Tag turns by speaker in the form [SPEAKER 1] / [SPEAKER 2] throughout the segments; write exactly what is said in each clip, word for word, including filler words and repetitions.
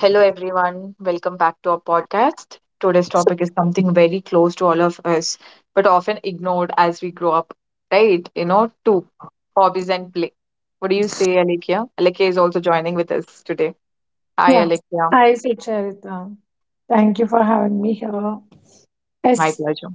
[SPEAKER 1] Hello, everyone. Welcome back to our podcast. Today's topic is something very close to all of us, but often ignored as we grow up, right? You know, two hobbies and play. What do you say, Alekia? Alekia is also joining with us today. Hi,
[SPEAKER 2] Yeah,
[SPEAKER 1] Alekia.
[SPEAKER 2] I see, Charita. Thank you for having me here.
[SPEAKER 1] My
[SPEAKER 2] Yes,
[SPEAKER 1] pleasure.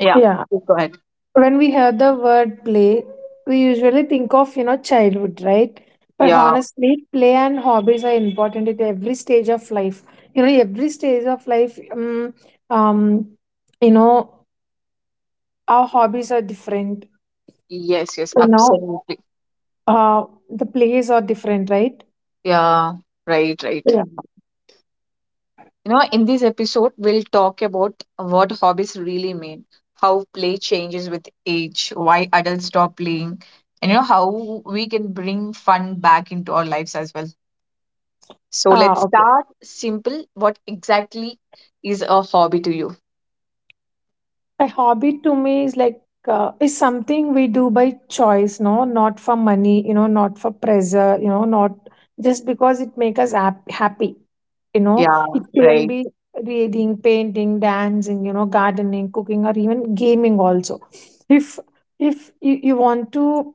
[SPEAKER 1] Yeah,
[SPEAKER 2] yeah.
[SPEAKER 1] please go ahead.
[SPEAKER 2] When we hear the word play, we usually think of, you know, childhood, right? But
[SPEAKER 1] Yeah,
[SPEAKER 2] honestly, play and hobbies are important at every stage of life. You know, every stage of life, um, um, you know, our hobbies are different.
[SPEAKER 1] yes, yes,
[SPEAKER 2] You know,
[SPEAKER 1] absolutely.
[SPEAKER 2] uh, the plays are different, right?
[SPEAKER 1] Yeah, right, right.
[SPEAKER 2] Yeah.
[SPEAKER 1] You know, in this episode, we'll talk about what hobbies really mean, how play changes with age, why adults stop playing, and you know, how we can bring fun back into our lives as well. So let's
[SPEAKER 2] Ah,
[SPEAKER 1] start simple. What exactly is a hobby to you?
[SPEAKER 2] A hobby to me is like uh, is something we do by choice, no, not for money, you know, not for pressure, you know, not just because it makes us hap- happy, you know. It
[SPEAKER 1] Yeah,
[SPEAKER 2] couldn't
[SPEAKER 1] right.
[SPEAKER 2] be reading, painting, dancing, you know, gardening, cooking, or even gaming also. If if you, you want to,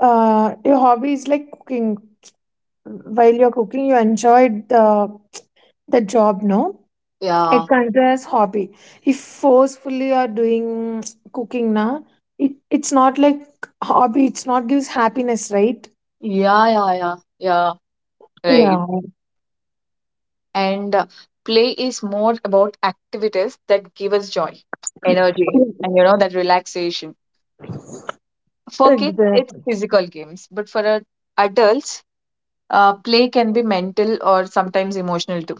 [SPEAKER 2] uh, your hobby is like cooking. While you're cooking, you enjoy the the job. No, it
[SPEAKER 1] Yeah,
[SPEAKER 2] considered as hobby. If forcefully are doing cooking na, it, it's not like hobby. It's not gives happiness, right?
[SPEAKER 1] yeah, yeah, yeah, yeah, right.
[SPEAKER 2] Yeah,
[SPEAKER 1] And uh, play is more about activities that give us joy, energy, and you know, that relaxation. For kids, it's
[SPEAKER 2] exactly.
[SPEAKER 1] physical games, but for a- adults, uh, play can be mental or sometimes emotional too.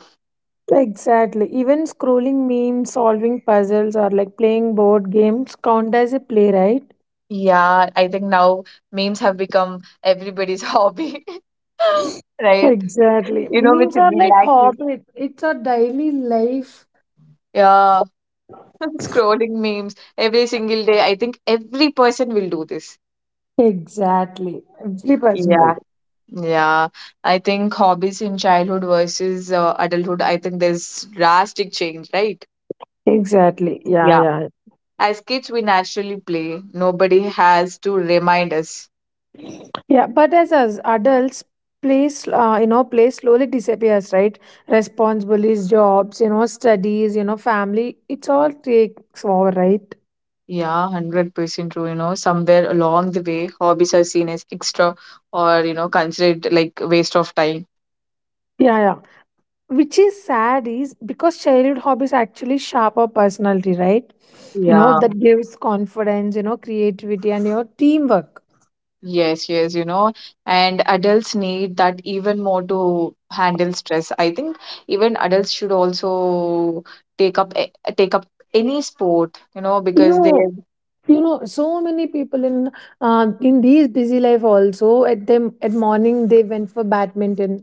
[SPEAKER 2] Exactly. Even scrolling memes, solving puzzles, or like playing board games count as a play, right?
[SPEAKER 1] Yeah, I think now memes have become everybody's hobby, right?
[SPEAKER 2] Exactly,
[SPEAKER 1] You know, which
[SPEAKER 2] memes are like
[SPEAKER 1] relaxes.
[SPEAKER 2] hobby, it's our daily life.
[SPEAKER 1] Yeah, scrolling memes every single day. I think every person will do this.
[SPEAKER 2] Exactly, every person will.
[SPEAKER 1] Yeah, yeah. I think hobbies in childhood versus uh, adulthood, I think there's drastic change, right?
[SPEAKER 2] Exactly. Yeah,
[SPEAKER 1] Yeah.
[SPEAKER 2] yeah.
[SPEAKER 1] As kids, we naturally play. Nobody has to remind us.
[SPEAKER 2] Yeah, but as as adults, place uh, you know place slowly disappears, right? Responsibilities, jobs, you know, studies, you know, family. It's all takes over, right?
[SPEAKER 1] Yeah, one hundred percent true. You know, somewhere along the way, hobbies are seen as extra or, you know, considered like waste of time.
[SPEAKER 2] Yeah, yeah. Which is sad is because childhood hobbies actually shape our personality, right? You know
[SPEAKER 1] Yeah.
[SPEAKER 2] that gives confidence, you know, creativity, and your teamwork.
[SPEAKER 1] Yes, yes, you know, and adults need that even more to handle stress. I think even adults should also take up a- take up any sport, you know,
[SPEAKER 2] You
[SPEAKER 1] because they,
[SPEAKER 2] know, You know, so many people in uh, in these busy life also at them at morning they went for badminton.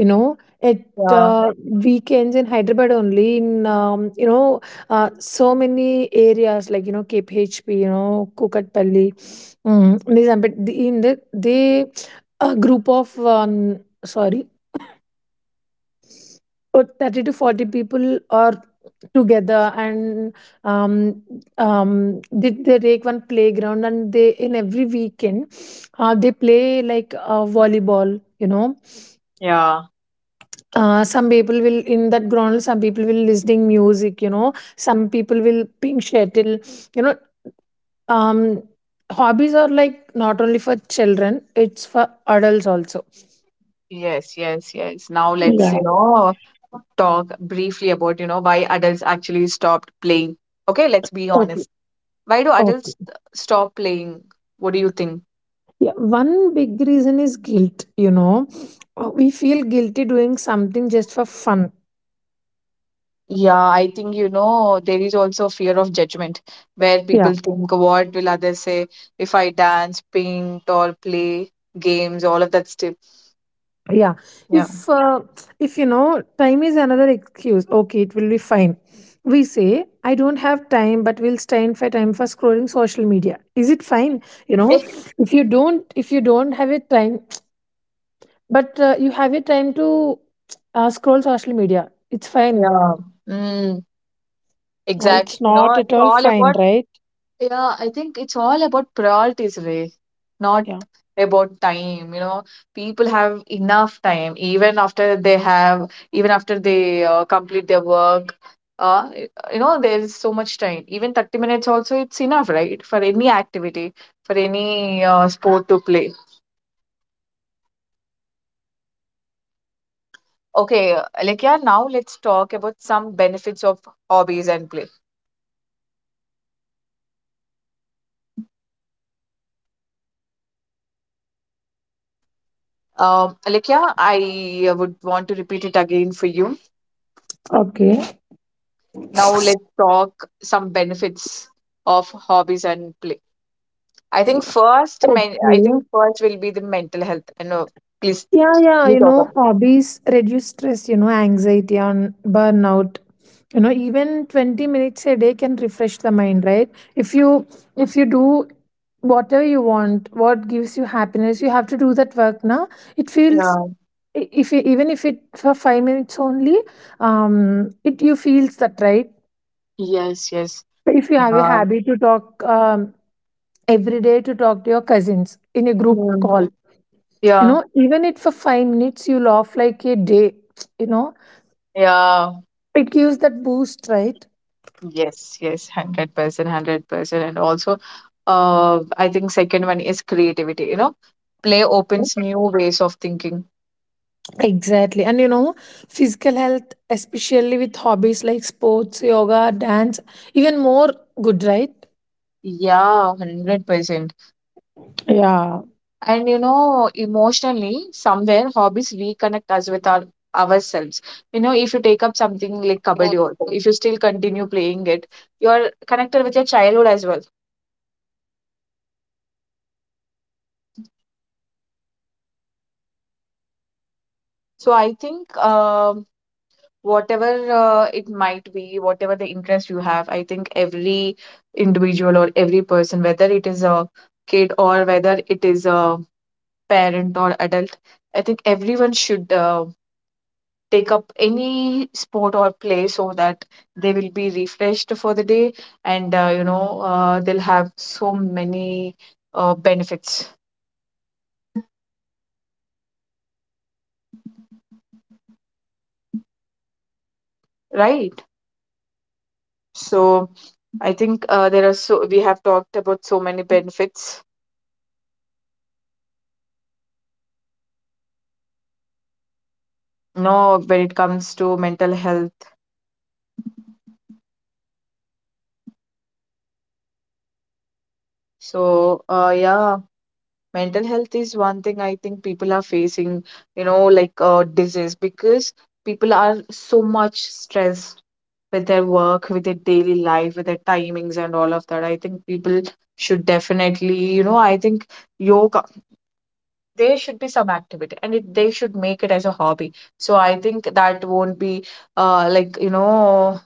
[SPEAKER 2] You know, at
[SPEAKER 1] yeah,
[SPEAKER 2] uh, weekends in Hyderabad only, in um, you know uh, so many areas like you know K P H P, you know Kukatpalli, um, Nizampet. The- In the they a group of um, sorry, or thirty to forty people are together, and um, um, they, they take one playground, and they in every weekend uh, they play like uh, volleyball, you know
[SPEAKER 1] yeah.
[SPEAKER 2] uh, some people will in that ground, some people will listening music, you know some people will ping shuttle, you know um, hobbies are like not only for children, it's for adults also.
[SPEAKER 1] Yes, yes, yes. Now let's,
[SPEAKER 2] Yeah.
[SPEAKER 1] you know, talk briefly about, you know, why adults actually stopped playing. Okay, let's be
[SPEAKER 2] Okay.
[SPEAKER 1] honest. Why do
[SPEAKER 2] Okay.
[SPEAKER 1] adults stop playing? What do you think?
[SPEAKER 2] Yeah, one big reason is guilt, you know. Uh, We feel guilty doing something just for fun.
[SPEAKER 1] Yeah, I think, you know, there is also fear of judgment where
[SPEAKER 2] Yeah.
[SPEAKER 1] people think, what will others say if I dance, paint, or play games, all of that stuff.
[SPEAKER 2] Yeah.
[SPEAKER 1] Yeah.
[SPEAKER 2] If uh, if you know, time is another excuse. Okay, it will be fine. We say, I don't have time, but we'll stand for time for scrolling social media. Is it fine? You know,
[SPEAKER 1] Eh,
[SPEAKER 2] if you don't if you don't have a time, but uh, you have a time to uh, scroll social media, it's fine.
[SPEAKER 1] yeah. Mm, exactly. You know, it's all about, yeah, I think it's all about priorities, Ray. Not about time, you know, people have enough time even after they have even after they uh, complete their work. Uh, you know, there is so much time, even thirty minutes also it's enough, right, for any activity, for any uh, sport to play. Okay, uh, Alekia, now let's talk about some benefits of hobbies and play. um Alekia, I would want to repeat it again for you.
[SPEAKER 2] Okay.
[SPEAKER 1] Now let's talk some benefits of hobbies and play. I think first, men I think
[SPEAKER 2] Okay.
[SPEAKER 1] first will be the mental health. I know, please,
[SPEAKER 2] Yeah, yeah.
[SPEAKER 1] you
[SPEAKER 2] You
[SPEAKER 1] talk
[SPEAKER 2] know,
[SPEAKER 1] about.
[SPEAKER 2] hobbies reduce stress, you know, anxiety and burnout. You know, even twenty minutes a day can refresh the mind, right? If you if you do whatever you want, what gives you happiness, you have to do that work now. It feels
[SPEAKER 1] Yeah,
[SPEAKER 2] i- if you, even if it for five minutes only, um, it you feels that, right.
[SPEAKER 1] yes, yes.
[SPEAKER 2] If you have a
[SPEAKER 1] Yeah,
[SPEAKER 2] habit to talk, um, every day, to talk to your cousins in a group
[SPEAKER 1] mm.
[SPEAKER 2] call, You
[SPEAKER 1] Yeah,
[SPEAKER 2] know, even if for five minutes you laugh like a day, you know,
[SPEAKER 1] yeah,
[SPEAKER 2] it gives that boost, right?
[SPEAKER 1] yes, yes, one hundred percent, one hundred percent. And also, uh, I think second one is creativity, you know? Play opens new ways of thinking.
[SPEAKER 2] Exactly. And you know, physical health, especially with hobbies like sports, yoga, dance, even more good, right?
[SPEAKER 1] Yeah, one hundred percent.
[SPEAKER 2] Yeah.
[SPEAKER 1] And you know, emotionally, somewhere hobbies reconnect us with our ourselves. You know, if you take up something like kabaddi also, if you still continue playing it, you're connected with your childhood as well. So I think, um whatever uh, it might be, whatever the interest you have, I think every individual or every person, whether it is a kid or whether it is a parent or adult, I think everyone should uh, take up any sport or play, so that they will be refreshed for the day, and uh, you know, uh, they'll have so many uh, benefits, right? So I think uh, there are so we have talked about so many benefits, you know, when it comes to mental health. So uh, yeah, mental health is one thing I think people are facing, you know, like uh, disease because people are so much stressed with their work, with their daily life, with their timings and all of that. I think people should definitely, you know, I think yoga, there should be some activity and it, they should make it as a hobby. So I think that won't be uh, like, you know,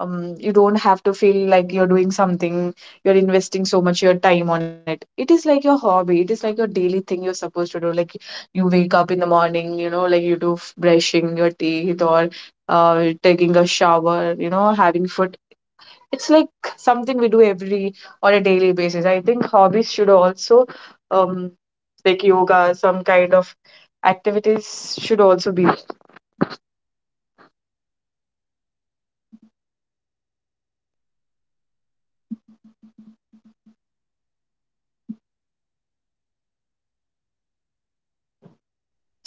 [SPEAKER 1] um, you don't have to feel like you're doing something, you're investing so much your time on it. It is like your hobby, it is like your daily thing you're supposed to do, like you wake up in the morning, you know, like you do f- brushing your teeth, or uh, taking a shower, you know, having food. It's like something we do every, on a daily basis. I think hobbies should also, um like yoga, some kind of activities should also be there.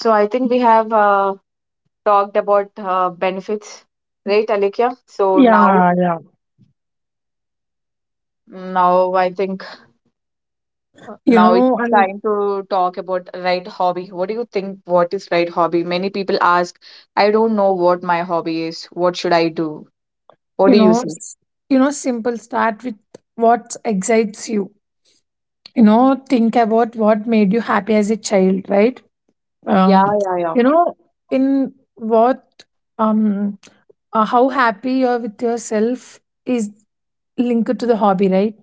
[SPEAKER 1] So I think we have uh, talked about uh, benefits, right, Alekia? So now,
[SPEAKER 2] Yeah, yeah.
[SPEAKER 1] now I think
[SPEAKER 2] You
[SPEAKER 1] now it's
[SPEAKER 2] know, and
[SPEAKER 1] time to talk about right hobby. What do you think? What is right hobby? Many people ask, I don't know what my hobby is. What should I do? What
[SPEAKER 2] you
[SPEAKER 1] do you
[SPEAKER 2] know,
[SPEAKER 1] say?
[SPEAKER 2] s- you know, simple start with what excites you. You know, think about what made you happy as a child, right?
[SPEAKER 1] Yeah,
[SPEAKER 2] Um,
[SPEAKER 1] yeah, yeah.
[SPEAKER 2] you know, in what um uh, how happy you are with yourself is linked to the hobby, right?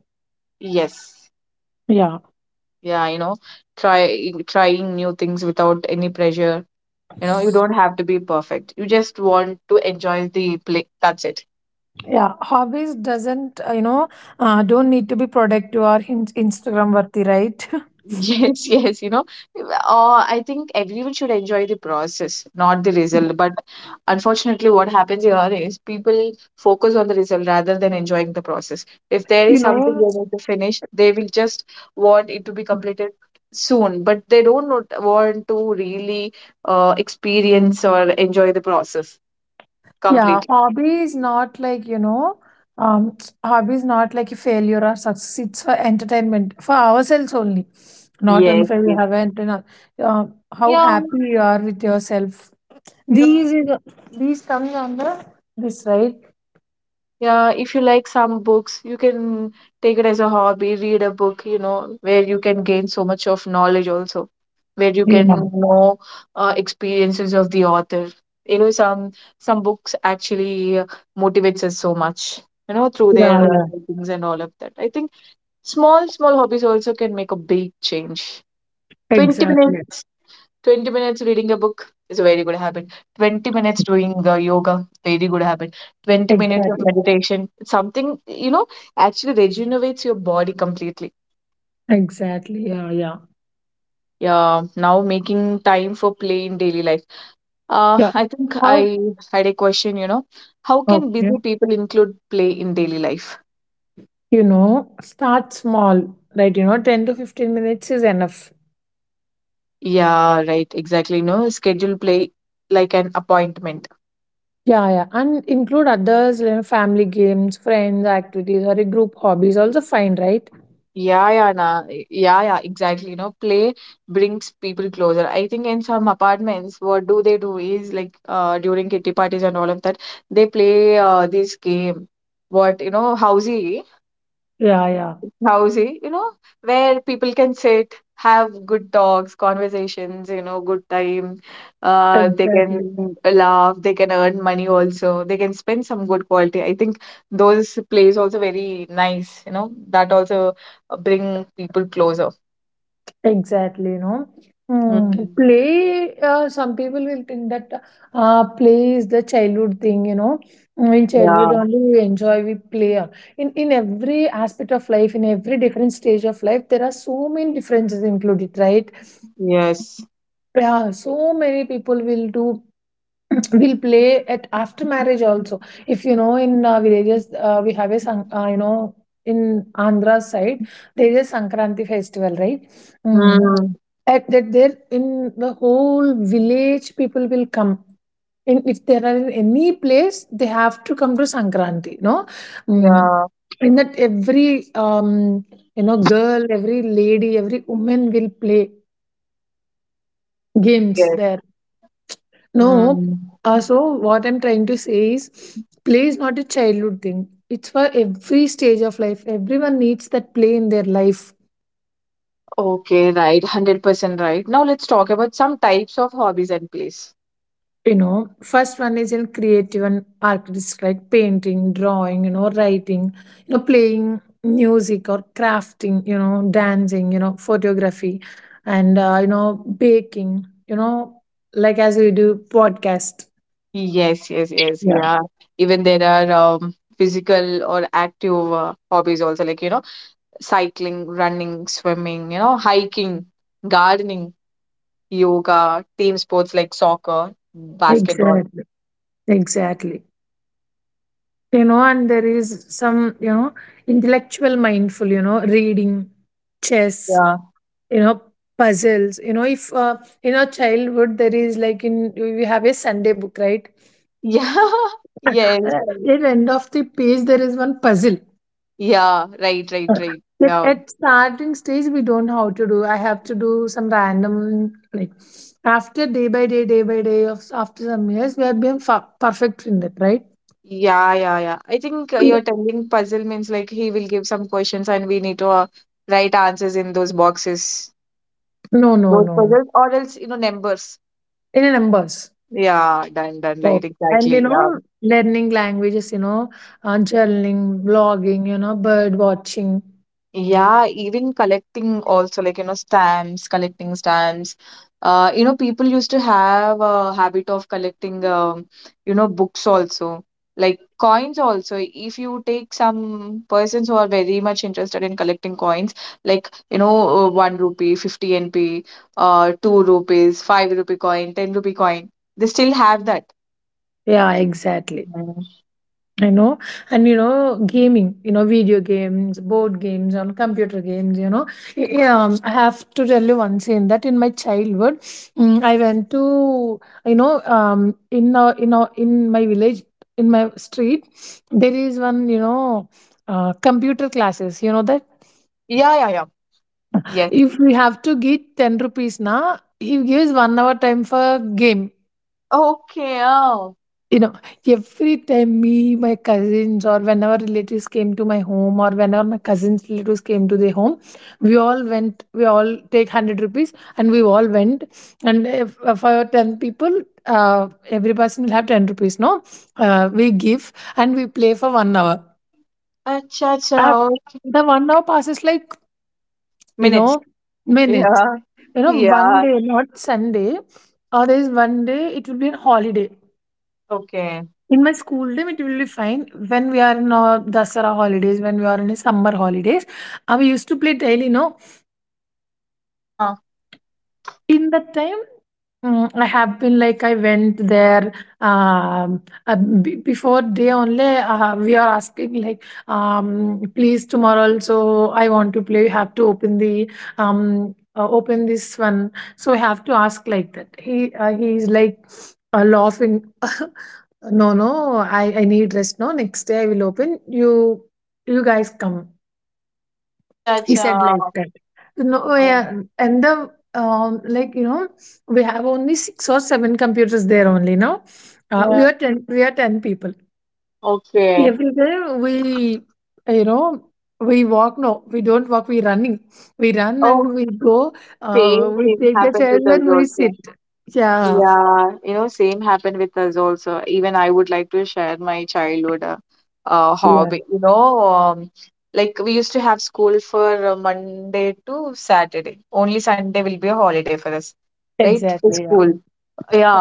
[SPEAKER 1] Yes.
[SPEAKER 2] Yeah,
[SPEAKER 1] Yeah, you know, try trying new things without any pressure. You know, you don't have to be perfect. You just want to enjoy the play. That's it.
[SPEAKER 2] yeah. Hobbies doesn't, uh, you know, uh, don't need to be productive or in- Instagram worthy, right?
[SPEAKER 1] Yes, yes, you know, uh, I think everyone should enjoy the process, not the result. But unfortunately, what happens here is people focus on the result rather than enjoying the process. If there
[SPEAKER 2] you
[SPEAKER 1] is something
[SPEAKER 2] know,
[SPEAKER 1] they need to finish, they will just want it to be completed soon, but they don't want want to really uh, experience or enjoy the process
[SPEAKER 2] Yeah,
[SPEAKER 1] completely.
[SPEAKER 2] hobby is not like, you know, um, hobby is not like a failure or success. It's for entertainment, for ourselves only. Not only
[SPEAKER 1] Yes,
[SPEAKER 2] for you
[SPEAKER 1] yes.
[SPEAKER 2] haven't, you know, uh, how
[SPEAKER 1] Yeah,
[SPEAKER 2] happy you are with yourself.
[SPEAKER 1] yeah.
[SPEAKER 2] These is these comes under this, right?
[SPEAKER 1] Yeah, if you like some books, you can take it as a hobby, read a book, you know, where you can gain so much of knowledge also, where you can
[SPEAKER 2] Yeah,
[SPEAKER 1] know uh, experiences of the author. You know, some some books actually uh, motivates us so much, you know, through
[SPEAKER 2] yeah,
[SPEAKER 1] their uh,
[SPEAKER 2] yeah.
[SPEAKER 1] writings and all of that. I think small, small hobbies also can make a big change. 20
[SPEAKER 2] Exactly,
[SPEAKER 1] minutes twenty minutes reading a book is a very good habit. twenty minutes doing uh, yoga, very good habit. twenty minutes of
[SPEAKER 2] exactly,
[SPEAKER 1] meditation, something, you know, actually rejuvenates your body completely.
[SPEAKER 2] exactly. Yeah, yeah,
[SPEAKER 1] Yeah, now making time for play in daily life. Uh,
[SPEAKER 2] yeah.
[SPEAKER 1] I think
[SPEAKER 2] How?
[SPEAKER 1] I had a question, you know, how can
[SPEAKER 2] Okay.
[SPEAKER 1] busy people include play in daily life?
[SPEAKER 2] You know, start small, right? You know, ten to fifteen minutes is enough.
[SPEAKER 1] Yeah, right, exactly. No, schedule play like an appointment.
[SPEAKER 2] Yeah, yeah, and include others, you know, family games, friends, activities, or a group hobbies also fine, right?
[SPEAKER 1] Yeah, yeah, nah. Yeah, yeah, exactly. You know, play brings people closer. I think in some apartments, what do they do is like uh during kitty parties and all of that, they play uh this game. What, you know, Housie.
[SPEAKER 2] Yeah, yeah,
[SPEAKER 1] Housey, you know, where people can sit, have good talks, conversations, you know, good time. Uh, they
[SPEAKER 2] exactly,
[SPEAKER 1] can laugh, they can earn money also, they can spend some good quality. I think those plays also very nice, you know, that also uh, bring people closer.
[SPEAKER 2] exactly. You know, Hmm.
[SPEAKER 1] Hmm.
[SPEAKER 2] Play. Uh, some people will think that uh, play is the childhood thing. You know, in
[SPEAKER 1] Yeah,
[SPEAKER 2] childhood only we enjoy, we play. In in every aspect of life, in every different stage of life, there are so many differences included, right?
[SPEAKER 1] yes.
[SPEAKER 2] Yeah, so many people will do will play at after marriage also. If you know, in uh, villages, uh, we have a san- uh, you know in Andhra side there is a Sankranti festival, right? Mm.
[SPEAKER 1] Hmm.
[SPEAKER 2] At that there in the whole village people will come in, if there are in any place they have to come to Sankranti, no. Mm.
[SPEAKER 1] Yeah,
[SPEAKER 2] In that, every um, you know girl, every lady, every woman will play games
[SPEAKER 1] yes.
[SPEAKER 2] there. No,
[SPEAKER 1] Hmm.
[SPEAKER 2] uh, so what I'm trying to say is play is not a childhood thing. It's for every stage of life. Everyone needs that play in their life.
[SPEAKER 1] Okay, right. one hundred percent right. Now let's talk about some types of hobbies and plays.
[SPEAKER 2] You know, first one is in creative and artist like painting, drawing, you know, writing, you know, playing music or crafting, you know, dancing, you know, photography, and uh, you know, baking, you know, like as we do podcast.
[SPEAKER 1] Yes, yes, yes.
[SPEAKER 2] Yeah.
[SPEAKER 1] Yeah. Even there are um, physical or active uh, hobbies also, like, you know, cycling, running, swimming, you know, hiking, gardening, yoga, team sports like soccer, basketball.
[SPEAKER 2] Exactly. Exactly. You know and there is some you know intellectual mindful, you know reading, chess,
[SPEAKER 1] Yeah.
[SPEAKER 2] you know puzzles, you know if uh, in our childhood there is, like, in we have a Sunday book, right?
[SPEAKER 1] Yeah.
[SPEAKER 2] uh,
[SPEAKER 1] Yes.
[SPEAKER 2] at end of the page there is one puzzle.
[SPEAKER 1] Yeah. Right,
[SPEAKER 2] Uh,
[SPEAKER 1] right, right.
[SPEAKER 2] but
[SPEAKER 1] Yeah.
[SPEAKER 2] at starting stage we don't know how to do, I have to do some random, like, after day by day day by day, of after some years we have been fa- perfect in that, right?
[SPEAKER 1] Yeah, yeah, yeah. I think uh, you telling puzzle means like he will give some questions and we need to uh, write answers in those boxes.
[SPEAKER 2] No, no,
[SPEAKER 1] Those
[SPEAKER 2] no, no.
[SPEAKER 1] puzzles or else, you know, numbers.
[SPEAKER 2] In numbers.
[SPEAKER 1] Yeah, done, done,
[SPEAKER 2] Yes.
[SPEAKER 1] right,
[SPEAKER 2] And you
[SPEAKER 1] exactly. Yeah.
[SPEAKER 2] know, learning languages, you know, uh, journaling, blogging, you know, bird watching.
[SPEAKER 1] Yeah, even collecting also, like, you know, stamps, collecting stamps. Uh, you know, people used to have a habit of collecting, um, you know, books also. Like coins also. If you take some persons who are very much interested in collecting coins, like, you know, uh, one rupee, fifty N P, uh, two rupees, five rupee coin, ten rupee coin, they still have that.
[SPEAKER 2] Yeah, exactly.
[SPEAKER 1] Mm.
[SPEAKER 2] I know. And you know, gaming, you know, video games, board games, on computer games, you know. Y- Yeah, um, I have to tell you one thing that in my childhood, mm, I went to, you know, um, in our, in our, in my village, in my street, there is one, you know, uh, computer classes. You know that
[SPEAKER 1] Yeah, yeah, yeah. Yes.
[SPEAKER 2] If we have to give ten rupees na, he gives one hour time for game.
[SPEAKER 1] Okay. Oh,
[SPEAKER 2] You know, every time me, my cousins, or whenever relatives came to my home, or whenever my cousins' relatives came to their home, we all went, we all take hundred rupees and we all went. And if, for ten people, uh, every person will have ten rupees, no? Uh, we give and we play for one hour.
[SPEAKER 1] acha, acha,
[SPEAKER 2] Uh,
[SPEAKER 1] oh,
[SPEAKER 2] the one hour passes like, you
[SPEAKER 1] minutes.
[SPEAKER 2] know, minutes.
[SPEAKER 1] Yeah,
[SPEAKER 2] You know, one
[SPEAKER 1] yeah,
[SPEAKER 2] day, not Sunday, or there is one day it will be a holiday.
[SPEAKER 1] okay.
[SPEAKER 2] In my school time, it will be fine. When we are in our Dasara holidays, when we are in a summer holidays, uh, we used to play daily, no?
[SPEAKER 1] Yeah,
[SPEAKER 2] In that time, mm, I have been like I went there um, uh, b- before day only. Uh, we are asking like, um, please tomorrow also I want to play. You have to open the um, uh, open this one. So I have to ask like that. He uh, he is like uh, laughing. No, no, I I need rest. No, next day I will open. You you guys come,
[SPEAKER 1] acha,
[SPEAKER 2] he
[SPEAKER 1] acha.
[SPEAKER 2] said like that. No. Yeah.
[SPEAKER 1] Um,
[SPEAKER 2] And the um like you know we have only six or seven computers there only, now uh,
[SPEAKER 1] yeah,
[SPEAKER 2] we are ten we are ten people.
[SPEAKER 1] okay.
[SPEAKER 2] Every day, we you know we walk, no, we don't walk, we running, we run
[SPEAKER 1] Oh,
[SPEAKER 2] and we go, uh,
[SPEAKER 1] same,
[SPEAKER 2] we
[SPEAKER 1] same
[SPEAKER 2] take the
[SPEAKER 1] happened
[SPEAKER 2] chairs
[SPEAKER 1] with us
[SPEAKER 2] and we
[SPEAKER 1] also.
[SPEAKER 2] sit. Yeah.
[SPEAKER 1] Yeah, you know, same happened with us also. Even I would like to share my childhood uh, uh,
[SPEAKER 2] Yeah,
[SPEAKER 1] hobby. You know, um, like we used to have school for uh, Monday to Saturday. Only Sunday will be a holiday for us, right? For
[SPEAKER 2] exactly. Yeah,
[SPEAKER 1] school.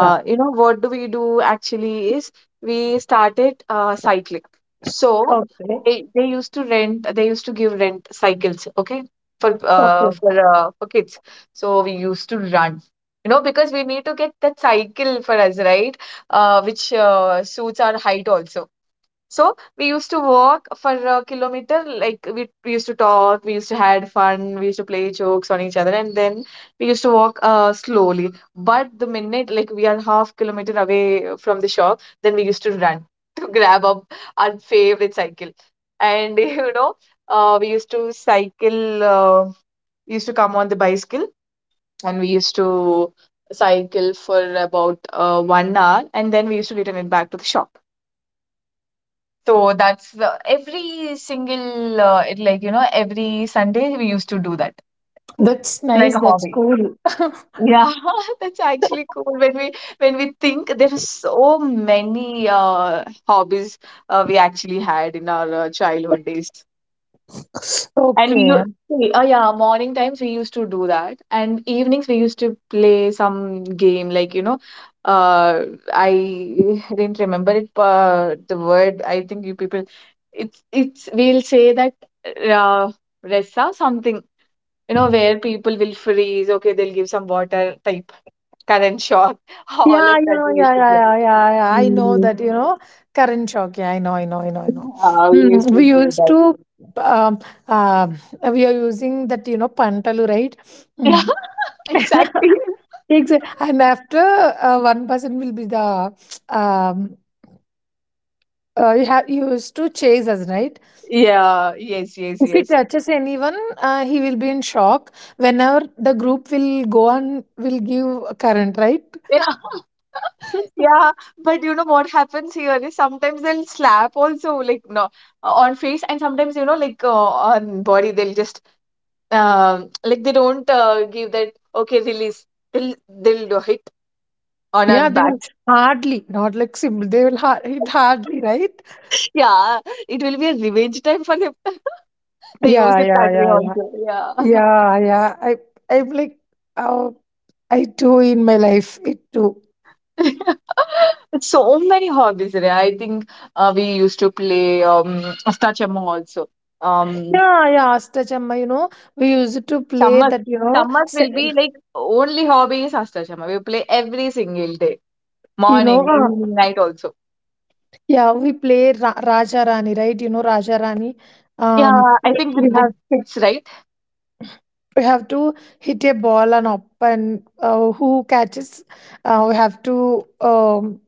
[SPEAKER 2] yeah.
[SPEAKER 1] you know, what do we do actually is we started uh, cycling. So
[SPEAKER 2] Okay.
[SPEAKER 1] they, they used to rent, they used to give rent cycles, okay, for uh,
[SPEAKER 2] Okay.
[SPEAKER 1] for uh, for kids. So we used to run, you know, because we need to get that cycle for us, right? Uh, which uh, suits our height also. So we used to walk for a kilometer, like we, we used to talk, we used to had fun, we used to play jokes on each other, and then we used to walk uh, slowly. But the minute like we are half kilometer away from the shop, then we used to run to grab up our favorite cycle. And you know, uh, we used to cycle, uh, we used to come on the bicycle, and we used to cycle for about uh, one hour, and then we used to return it back to the shop. So that's the every single uh, it like you know every Sunday we used to do that.
[SPEAKER 2] That's
[SPEAKER 1] It's like
[SPEAKER 2] nice,
[SPEAKER 1] a
[SPEAKER 2] that's
[SPEAKER 1] hobby.
[SPEAKER 2] cool.
[SPEAKER 1] Yeah, that's actually cool. When we when we think there are so many uh, hobbies uh, we actually had in our uh, childhood days. And we
[SPEAKER 2] Okay.
[SPEAKER 1] u- oh yeah, morning times we used to do that, and evenings we used to play some game like you know, uh, I didn't remember it. Uh, the word I think you people, it's it's we'll say that uh, resa something, you know, where people will freeze. Okay, they'll give some water type current shock. All
[SPEAKER 2] Yeah,
[SPEAKER 1] of
[SPEAKER 2] you
[SPEAKER 1] that
[SPEAKER 2] know,
[SPEAKER 1] we
[SPEAKER 2] yeah,
[SPEAKER 1] used to
[SPEAKER 2] yeah,
[SPEAKER 1] play.
[SPEAKER 2] yeah, yeah, yeah. I know
[SPEAKER 1] Mm.
[SPEAKER 2] that, you know, current shock. Yeah, I know, I know, I know, I know.
[SPEAKER 1] Yeah, we used
[SPEAKER 2] Mm,
[SPEAKER 1] to
[SPEAKER 2] we
[SPEAKER 1] play
[SPEAKER 2] used
[SPEAKER 1] that.
[SPEAKER 2] to, um, um we are using that, you know, pantalu, right?
[SPEAKER 1] Yeah,
[SPEAKER 2] Mm.
[SPEAKER 1] exactly.
[SPEAKER 2] Exactly. And after uh, one person will be the, um, uh, you have you used to chase us, right?
[SPEAKER 1] Yeah, yes, yes,
[SPEAKER 2] If he
[SPEAKER 1] yes.
[SPEAKER 2] touches anyone, uh, he will be in shock. Whenever the group will go on, will give current, right?
[SPEAKER 1] Yeah, yeah. But you know what happens here is sometimes they'll slap also, like, no, on face, and sometimes, you know, like uh, on body, they'll just um, like, they don't uh, give that okay release. They'll they'll do hit on
[SPEAKER 2] Yeah,
[SPEAKER 1] our
[SPEAKER 2] they will
[SPEAKER 1] backs.
[SPEAKER 2] hardly, not like simple, they will hard, hit hardly, right?
[SPEAKER 1] Yeah, it will be a revenge time for them. They use
[SPEAKER 2] Yeah,
[SPEAKER 1] it
[SPEAKER 2] yeah,
[SPEAKER 1] that way
[SPEAKER 2] yeah, yeah.
[SPEAKER 1] also. Yeah.
[SPEAKER 2] Yeah, yeah. I I'm like, oh, I do in my life it too.
[SPEAKER 1] So many hobbies. Right? I think uh, we used to play um, Astachamo also. Um,
[SPEAKER 2] Yeah, yeah, Astachamma, you know, we used to play
[SPEAKER 1] Chamas.
[SPEAKER 2] that, you know,
[SPEAKER 1] Chamas
[SPEAKER 2] se-
[SPEAKER 1] will be like, only hobby is Ashtajama. We play every single day,
[SPEAKER 2] you
[SPEAKER 1] morning,
[SPEAKER 2] know, uh,
[SPEAKER 1] evening, night also.
[SPEAKER 2] yeah, we play Ra- Raja Rani, right? You know, Raja Rani.
[SPEAKER 1] Yeah,
[SPEAKER 2] Um,
[SPEAKER 1] I think with
[SPEAKER 2] we
[SPEAKER 1] book
[SPEAKER 2] have
[SPEAKER 1] kids, right?
[SPEAKER 2] we have to hit a ball and up, and uh, who catches, uh, we have to um,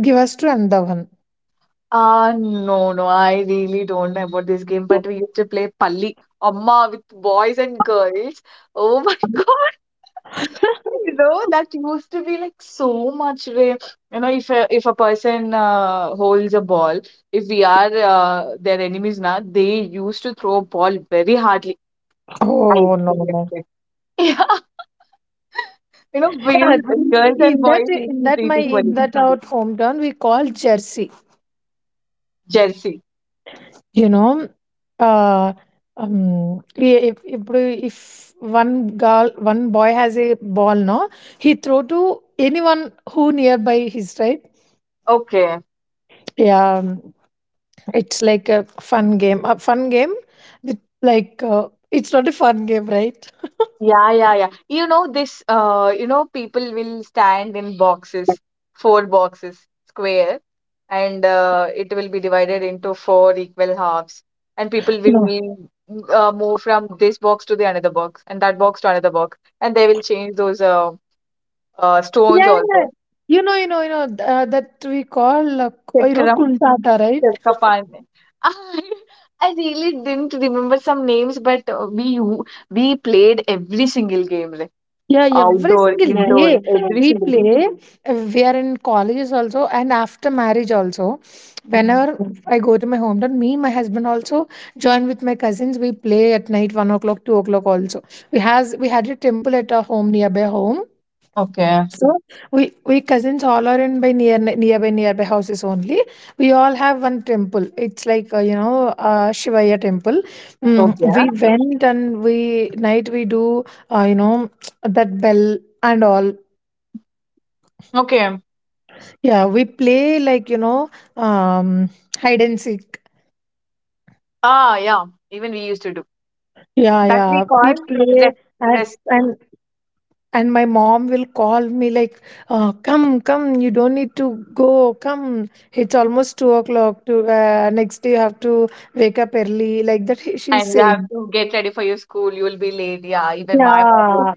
[SPEAKER 2] give us to another one.
[SPEAKER 1] Uh, no, no, I really don't know about this game,
[SPEAKER 2] Yeah.
[SPEAKER 1] but we used to play Palli, Amma with boys and girls. Oh my God. You know, that used to be like so much way. You know, if a, if a person uh, holds a ball, if we are uh, their enemies now, they used to throw a ball very hardly. I
[SPEAKER 2] Oh no.
[SPEAKER 1] experienced. Yeah, you know, we,
[SPEAKER 2] Yeah,
[SPEAKER 1] girls and
[SPEAKER 2] in that
[SPEAKER 1] boys used
[SPEAKER 2] in
[SPEAKER 1] to
[SPEAKER 2] that
[SPEAKER 1] treat
[SPEAKER 2] my in
[SPEAKER 1] equally.
[SPEAKER 2] that out hometown we call Jersey.
[SPEAKER 1] Jersey.
[SPEAKER 2] You know, uh, um, i- if if if one girl one boy has a ball, no, he throw to anyone who nearby his right.
[SPEAKER 1] Okay.
[SPEAKER 2] Yeah, um, it's like a fun game. A fun game. with, Like uh, it's not a fun game, right?
[SPEAKER 1] Yeah, yeah, yeah. You know, this, uh, you know, people will stand in boxes, four boxes, square, and uh, it will be divided into four equal halves. And people
[SPEAKER 2] No.
[SPEAKER 1] will uh, move from this box to the another box, and that box to another box, and they will change those uh, uh, stones
[SPEAKER 2] Yeah, yeah.
[SPEAKER 1] also.
[SPEAKER 2] you know, you know, you know th- uh, that we call uh, you know
[SPEAKER 1] Chakram.
[SPEAKER 2] kuntata, right?
[SPEAKER 1] Kapane. I, I really didn't remember some names, but uh, we u- we played every single game, like
[SPEAKER 2] Yeah, every
[SPEAKER 1] outdoor,
[SPEAKER 2] single, yeah,
[SPEAKER 1] indoor,
[SPEAKER 2] day, uh,
[SPEAKER 1] every
[SPEAKER 2] we
[SPEAKER 1] single game.
[SPEAKER 2] play. uh, We are in colleges also, and after marriage also.
[SPEAKER 1] Mm.
[SPEAKER 2] Whenever I go to my hometown, me, my husband also join with my cousins. We play at night, one o'clock, two o'clock also. We has we had a temple at our home nearby home.
[SPEAKER 1] Okay.
[SPEAKER 2] So we we cousins all are in by near nearby nearby houses only. We all have one temple. It's like uh, you know uh, Shivaya temple.
[SPEAKER 1] Okay.
[SPEAKER 2] Mm, we went and we night we do uh, you know that bell and all.
[SPEAKER 1] Okay.
[SPEAKER 2] Yeah, we play like you know um, hide and seek.
[SPEAKER 1] Ah, yeah. Even we used to do.
[SPEAKER 2] Yeah,
[SPEAKER 1] That we
[SPEAKER 2] yeah, we
[SPEAKER 1] call
[SPEAKER 2] play
[SPEAKER 1] rest,
[SPEAKER 2] and.
[SPEAKER 1] rest.
[SPEAKER 2] And And my mom will call me like, uh, "Come, come! You don't need to go. Come! It's almost two o'clock. To uh, next day, you have to wake up early." Like that, he- she's
[SPEAKER 1] And you have
[SPEAKER 2] saying.
[SPEAKER 1] to get ready for your school. You will be late. Yeah, even my mom.
[SPEAKER 2] Yeah,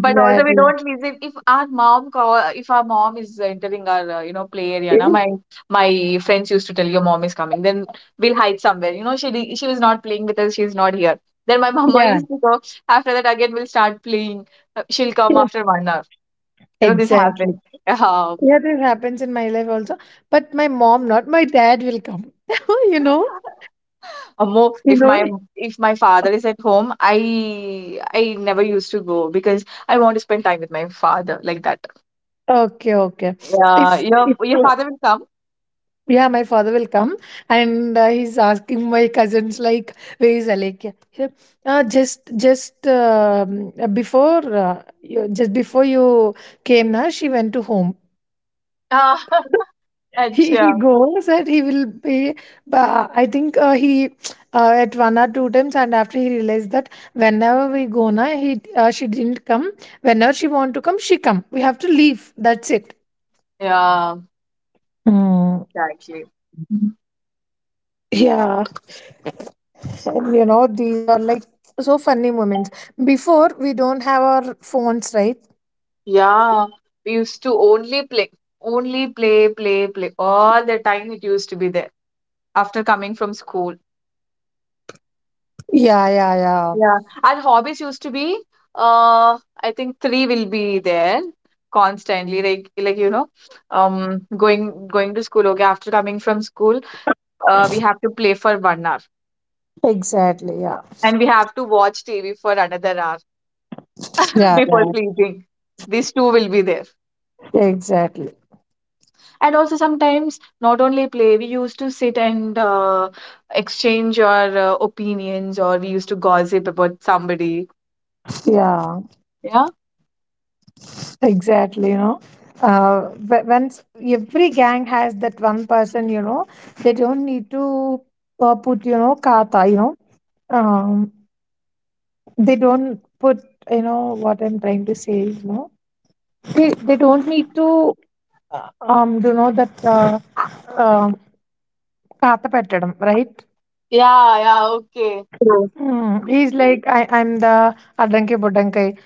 [SPEAKER 1] But also we don't visit if our mom call, if our mom is entering our uh, you know, play area na, my my friends used to tell your mom is coming, then we'll hide somewhere, you know, she di- she was not playing with us, she's not here. Then my mama
[SPEAKER 2] Yeah,
[SPEAKER 1] used to go. After that again we'll start playing. Uh, she'll come
[SPEAKER 2] yeah,
[SPEAKER 1] after one hour you know This happened.
[SPEAKER 2] exactly.
[SPEAKER 1] um,
[SPEAKER 2] Yeah, this happens in my life also. But my mom, not my dad, will come. you know,
[SPEAKER 1] Ammo,
[SPEAKER 2] you
[SPEAKER 1] if my
[SPEAKER 2] know.
[SPEAKER 1] if my father is at home, I I never used to go because I want to spend time with my father, like that.
[SPEAKER 2] Okay, okay. If
[SPEAKER 1] Yeah, your
[SPEAKER 2] if
[SPEAKER 1] your father will
[SPEAKER 2] Yeah, my father will come and uh, he's asking my cousins like, where is Alekya? He- Uh, just just um, uh, before uh, you, just before you came, na, she went to home.
[SPEAKER 1] come.
[SPEAKER 2] he
[SPEAKER 1] Acha.
[SPEAKER 2] he goes and he will be. But I think uh, he uh, at one or two times, and after he realized that whenever we go, na, he uh, she didn't come. Whenever she want to come, she come. We have to leave. That's it.
[SPEAKER 1] Yeah,
[SPEAKER 2] Mm.
[SPEAKER 1] exactly. Mhm.
[SPEAKER 2] Yeah. you know these are like so funny moments. Before we don't have our phones, right?
[SPEAKER 1] Yeah, we used to only play, only play, play, play. All the time it used to be there after coming from school.
[SPEAKER 2] Yeah, yeah, yeah.
[SPEAKER 1] Yeah. And hobbies used to be, uh, I think three will be there constantly. Like, like you know, um, going going to school. Okay, after coming from school, uh, we have to play for one hour,
[SPEAKER 2] Exactly. Yeah,
[SPEAKER 1] and we have to watch T V for another hour
[SPEAKER 2] yeah,
[SPEAKER 1] before
[SPEAKER 2] yeah.
[SPEAKER 1] sleeping. These two will be there.
[SPEAKER 2] Exactly.
[SPEAKER 1] And also sometimes not only play, we used to sit and uh, exchange our uh, opinions, or we used to gossip about somebody.
[SPEAKER 2] Yeah,
[SPEAKER 1] Yeah.
[SPEAKER 2] exactly. you know uh but once every gang has that one person, you know they don't need to uh, put, you know kata, you know um they don't put. You know what I'm trying to say? you know they, they don't need to uh, um do you know that, uh, um Katha Pettadam, right?
[SPEAKER 1] Yeah, yeah, okay.
[SPEAKER 2] Yeah. Mm. He's like, I, I'm the Adanke Budankai.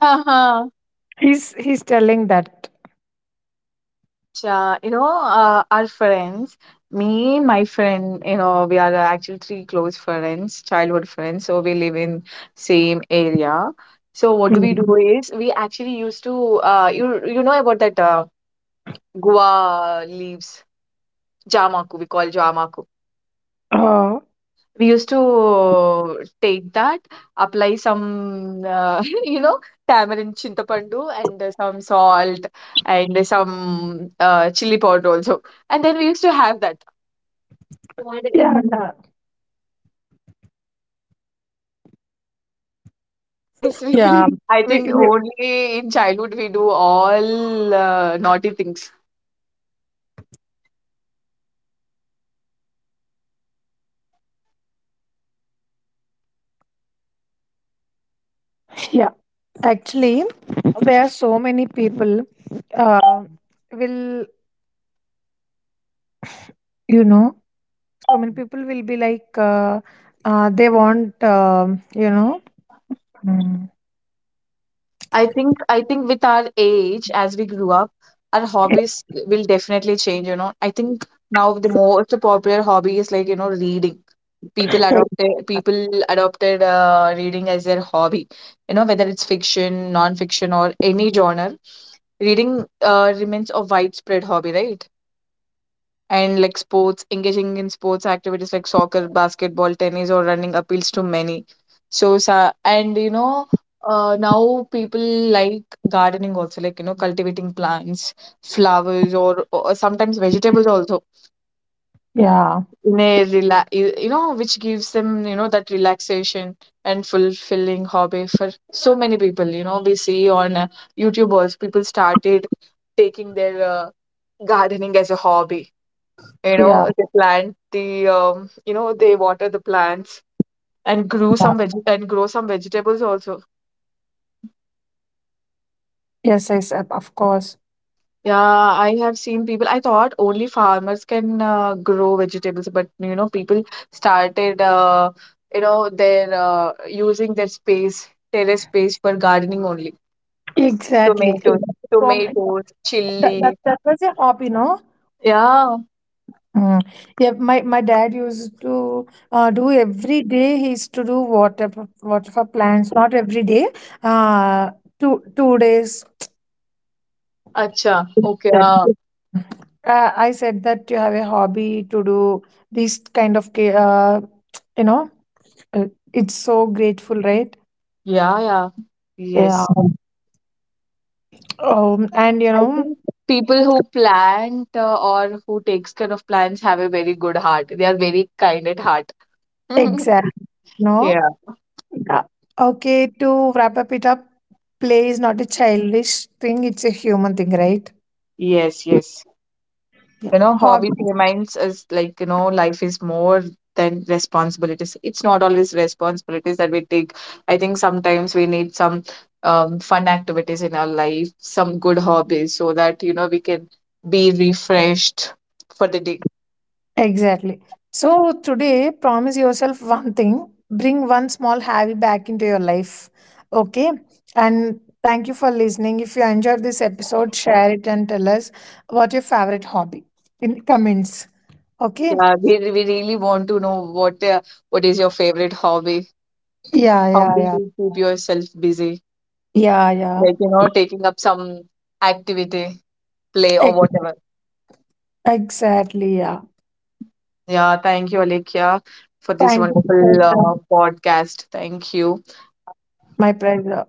[SPEAKER 1] Uh-huh.
[SPEAKER 2] He's he's telling that.
[SPEAKER 1] Acha, you know, uh, our friends, me, my friend, you know, we are uh, actually three close friends, childhood friends, so we live in same area. So what do we do
[SPEAKER 2] Mm.
[SPEAKER 1] is we actually used to, uh, you you know about that uh, Goa leaves, jamaku, we call jamaku.
[SPEAKER 2] Oh,
[SPEAKER 1] We used to take that, apply some, uh, you know, tamarind chintapandu and uh, some salt and uh, some uh, chili powder also. And then we used to have that. And
[SPEAKER 2] yeah. Yeah.
[SPEAKER 1] it tastes really,
[SPEAKER 2] Yeah.
[SPEAKER 1] I
[SPEAKER 2] We,
[SPEAKER 1] think
[SPEAKER 2] we,
[SPEAKER 1] only in childhood we do all uh, naughty things.
[SPEAKER 2] yeah. Actually, there are so many people uh, will, you know, so many people will be like, uh, uh, they want, um, you know, mm,
[SPEAKER 1] I think I think with our age, as we grew up, our hobbies will definitely change, you know. I think now the most popular hobby is like, you know, reading. people
[SPEAKER 2] Hey.
[SPEAKER 1] adopted people adopted uh, reading as their hobby, you know, whether it's fiction, non-fiction, or any genre, reading uh, remains a widespread hobby, right? And like sports, engaging in sports activities like soccer, basketball, tennis, or running appeals to many. So sa- and you know, uh, now people like gardening also, like, you know, cultivating plants, flowers, or, or sometimes vegetables also,
[SPEAKER 2] Yeah,
[SPEAKER 1] in a rela- you you know, which gives them, you know, that relaxation and fulfilling hobby for so many people. You know, we see on uh, YouTube also, people started taking their uh, gardening as a hobby. You
[SPEAKER 2] yeah,
[SPEAKER 1] know, they plant the um, you know, they water the plants and grew
[SPEAKER 2] yeah.
[SPEAKER 1] some veg- and grow some vegetables also.
[SPEAKER 2] Yes, yes, of of course.
[SPEAKER 1] Yeah, I have seen people. I thought only farmers can uh, grow vegetables, but you know, people started, uh, you know, their uh, using their space, terrace space for gardening only.
[SPEAKER 2] Exactly.
[SPEAKER 1] Tomatoes,
[SPEAKER 2] From.
[SPEAKER 1] tomatoes,
[SPEAKER 2] That, that,
[SPEAKER 1] chili.
[SPEAKER 2] that was a hobby, no?
[SPEAKER 1] Yeah.
[SPEAKER 2] Mm. Yeah, my, my dad used to uh, do every day. He used to do water p- water for plants. Not every day. Uh, two two days.
[SPEAKER 1] Acha. Okay.
[SPEAKER 2] That-
[SPEAKER 1] Uh,
[SPEAKER 2] Uh, I said that you have a hobby to do these kind of ca- uh, you know. uh, It's so grateful, right?
[SPEAKER 1] yeah, yeah.
[SPEAKER 2] Yeah.
[SPEAKER 1] Yes.
[SPEAKER 2] Um, and you
[SPEAKER 1] I
[SPEAKER 2] know
[SPEAKER 1] think people who plant uh, or who takes care of plants have a very good heart. They are very kind at heart.
[SPEAKER 2] exactly. No.
[SPEAKER 1] Yeah.
[SPEAKER 2] Yeah. Okay, to wrap up it up, play is not a childish thing, it's a human thing, right?
[SPEAKER 1] Yes, yes.
[SPEAKER 2] Yeah.
[SPEAKER 1] You know,
[SPEAKER 2] Hobby.
[SPEAKER 1] hobbies reminds us like, you know, life is more than responsibilities. It's not always responsibilities that we take. I think sometimes we need some um, fun activities in our life, some good hobbies so that, you know, we can be refreshed for the day.
[SPEAKER 2] Exactly. So today, promise yourself one thing. Bring one small hobby back into your life. Okay. And thank you for listening. If you enjoyed this episode, share it and tell us what your favorite hobby in comments. Okay.
[SPEAKER 1] Yeah, we, we really want to know what uh, what is your favorite hobby?
[SPEAKER 2] Yeah,
[SPEAKER 1] How
[SPEAKER 2] yeah,
[SPEAKER 1] do
[SPEAKER 2] yeah.
[SPEAKER 1] you keep yourself busy?
[SPEAKER 2] Yeah, yeah.
[SPEAKER 1] Like, you know, taking up some activity, play or
[SPEAKER 2] Ex-
[SPEAKER 1] whatever.
[SPEAKER 2] Exactly. Yeah.
[SPEAKER 1] Yeah, thank you, Alekhya, for this
[SPEAKER 2] Thank you,
[SPEAKER 1] wonderful uh,
[SPEAKER 2] Shweta.
[SPEAKER 1] podcast. Thank you.
[SPEAKER 2] My pleasure.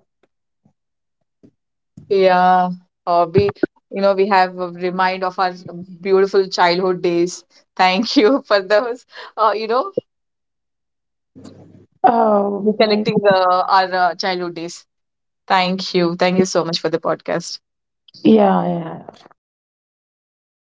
[SPEAKER 1] Yeah, uh, we, you know, we have a remind of our beautiful childhood days. Thank you for those, uh, you know,
[SPEAKER 2] Oh, nice.
[SPEAKER 1] recollecting the our uh, childhood days. Thank you. Thank you so much for the podcast.
[SPEAKER 2] Yeah, yeah. Thank you.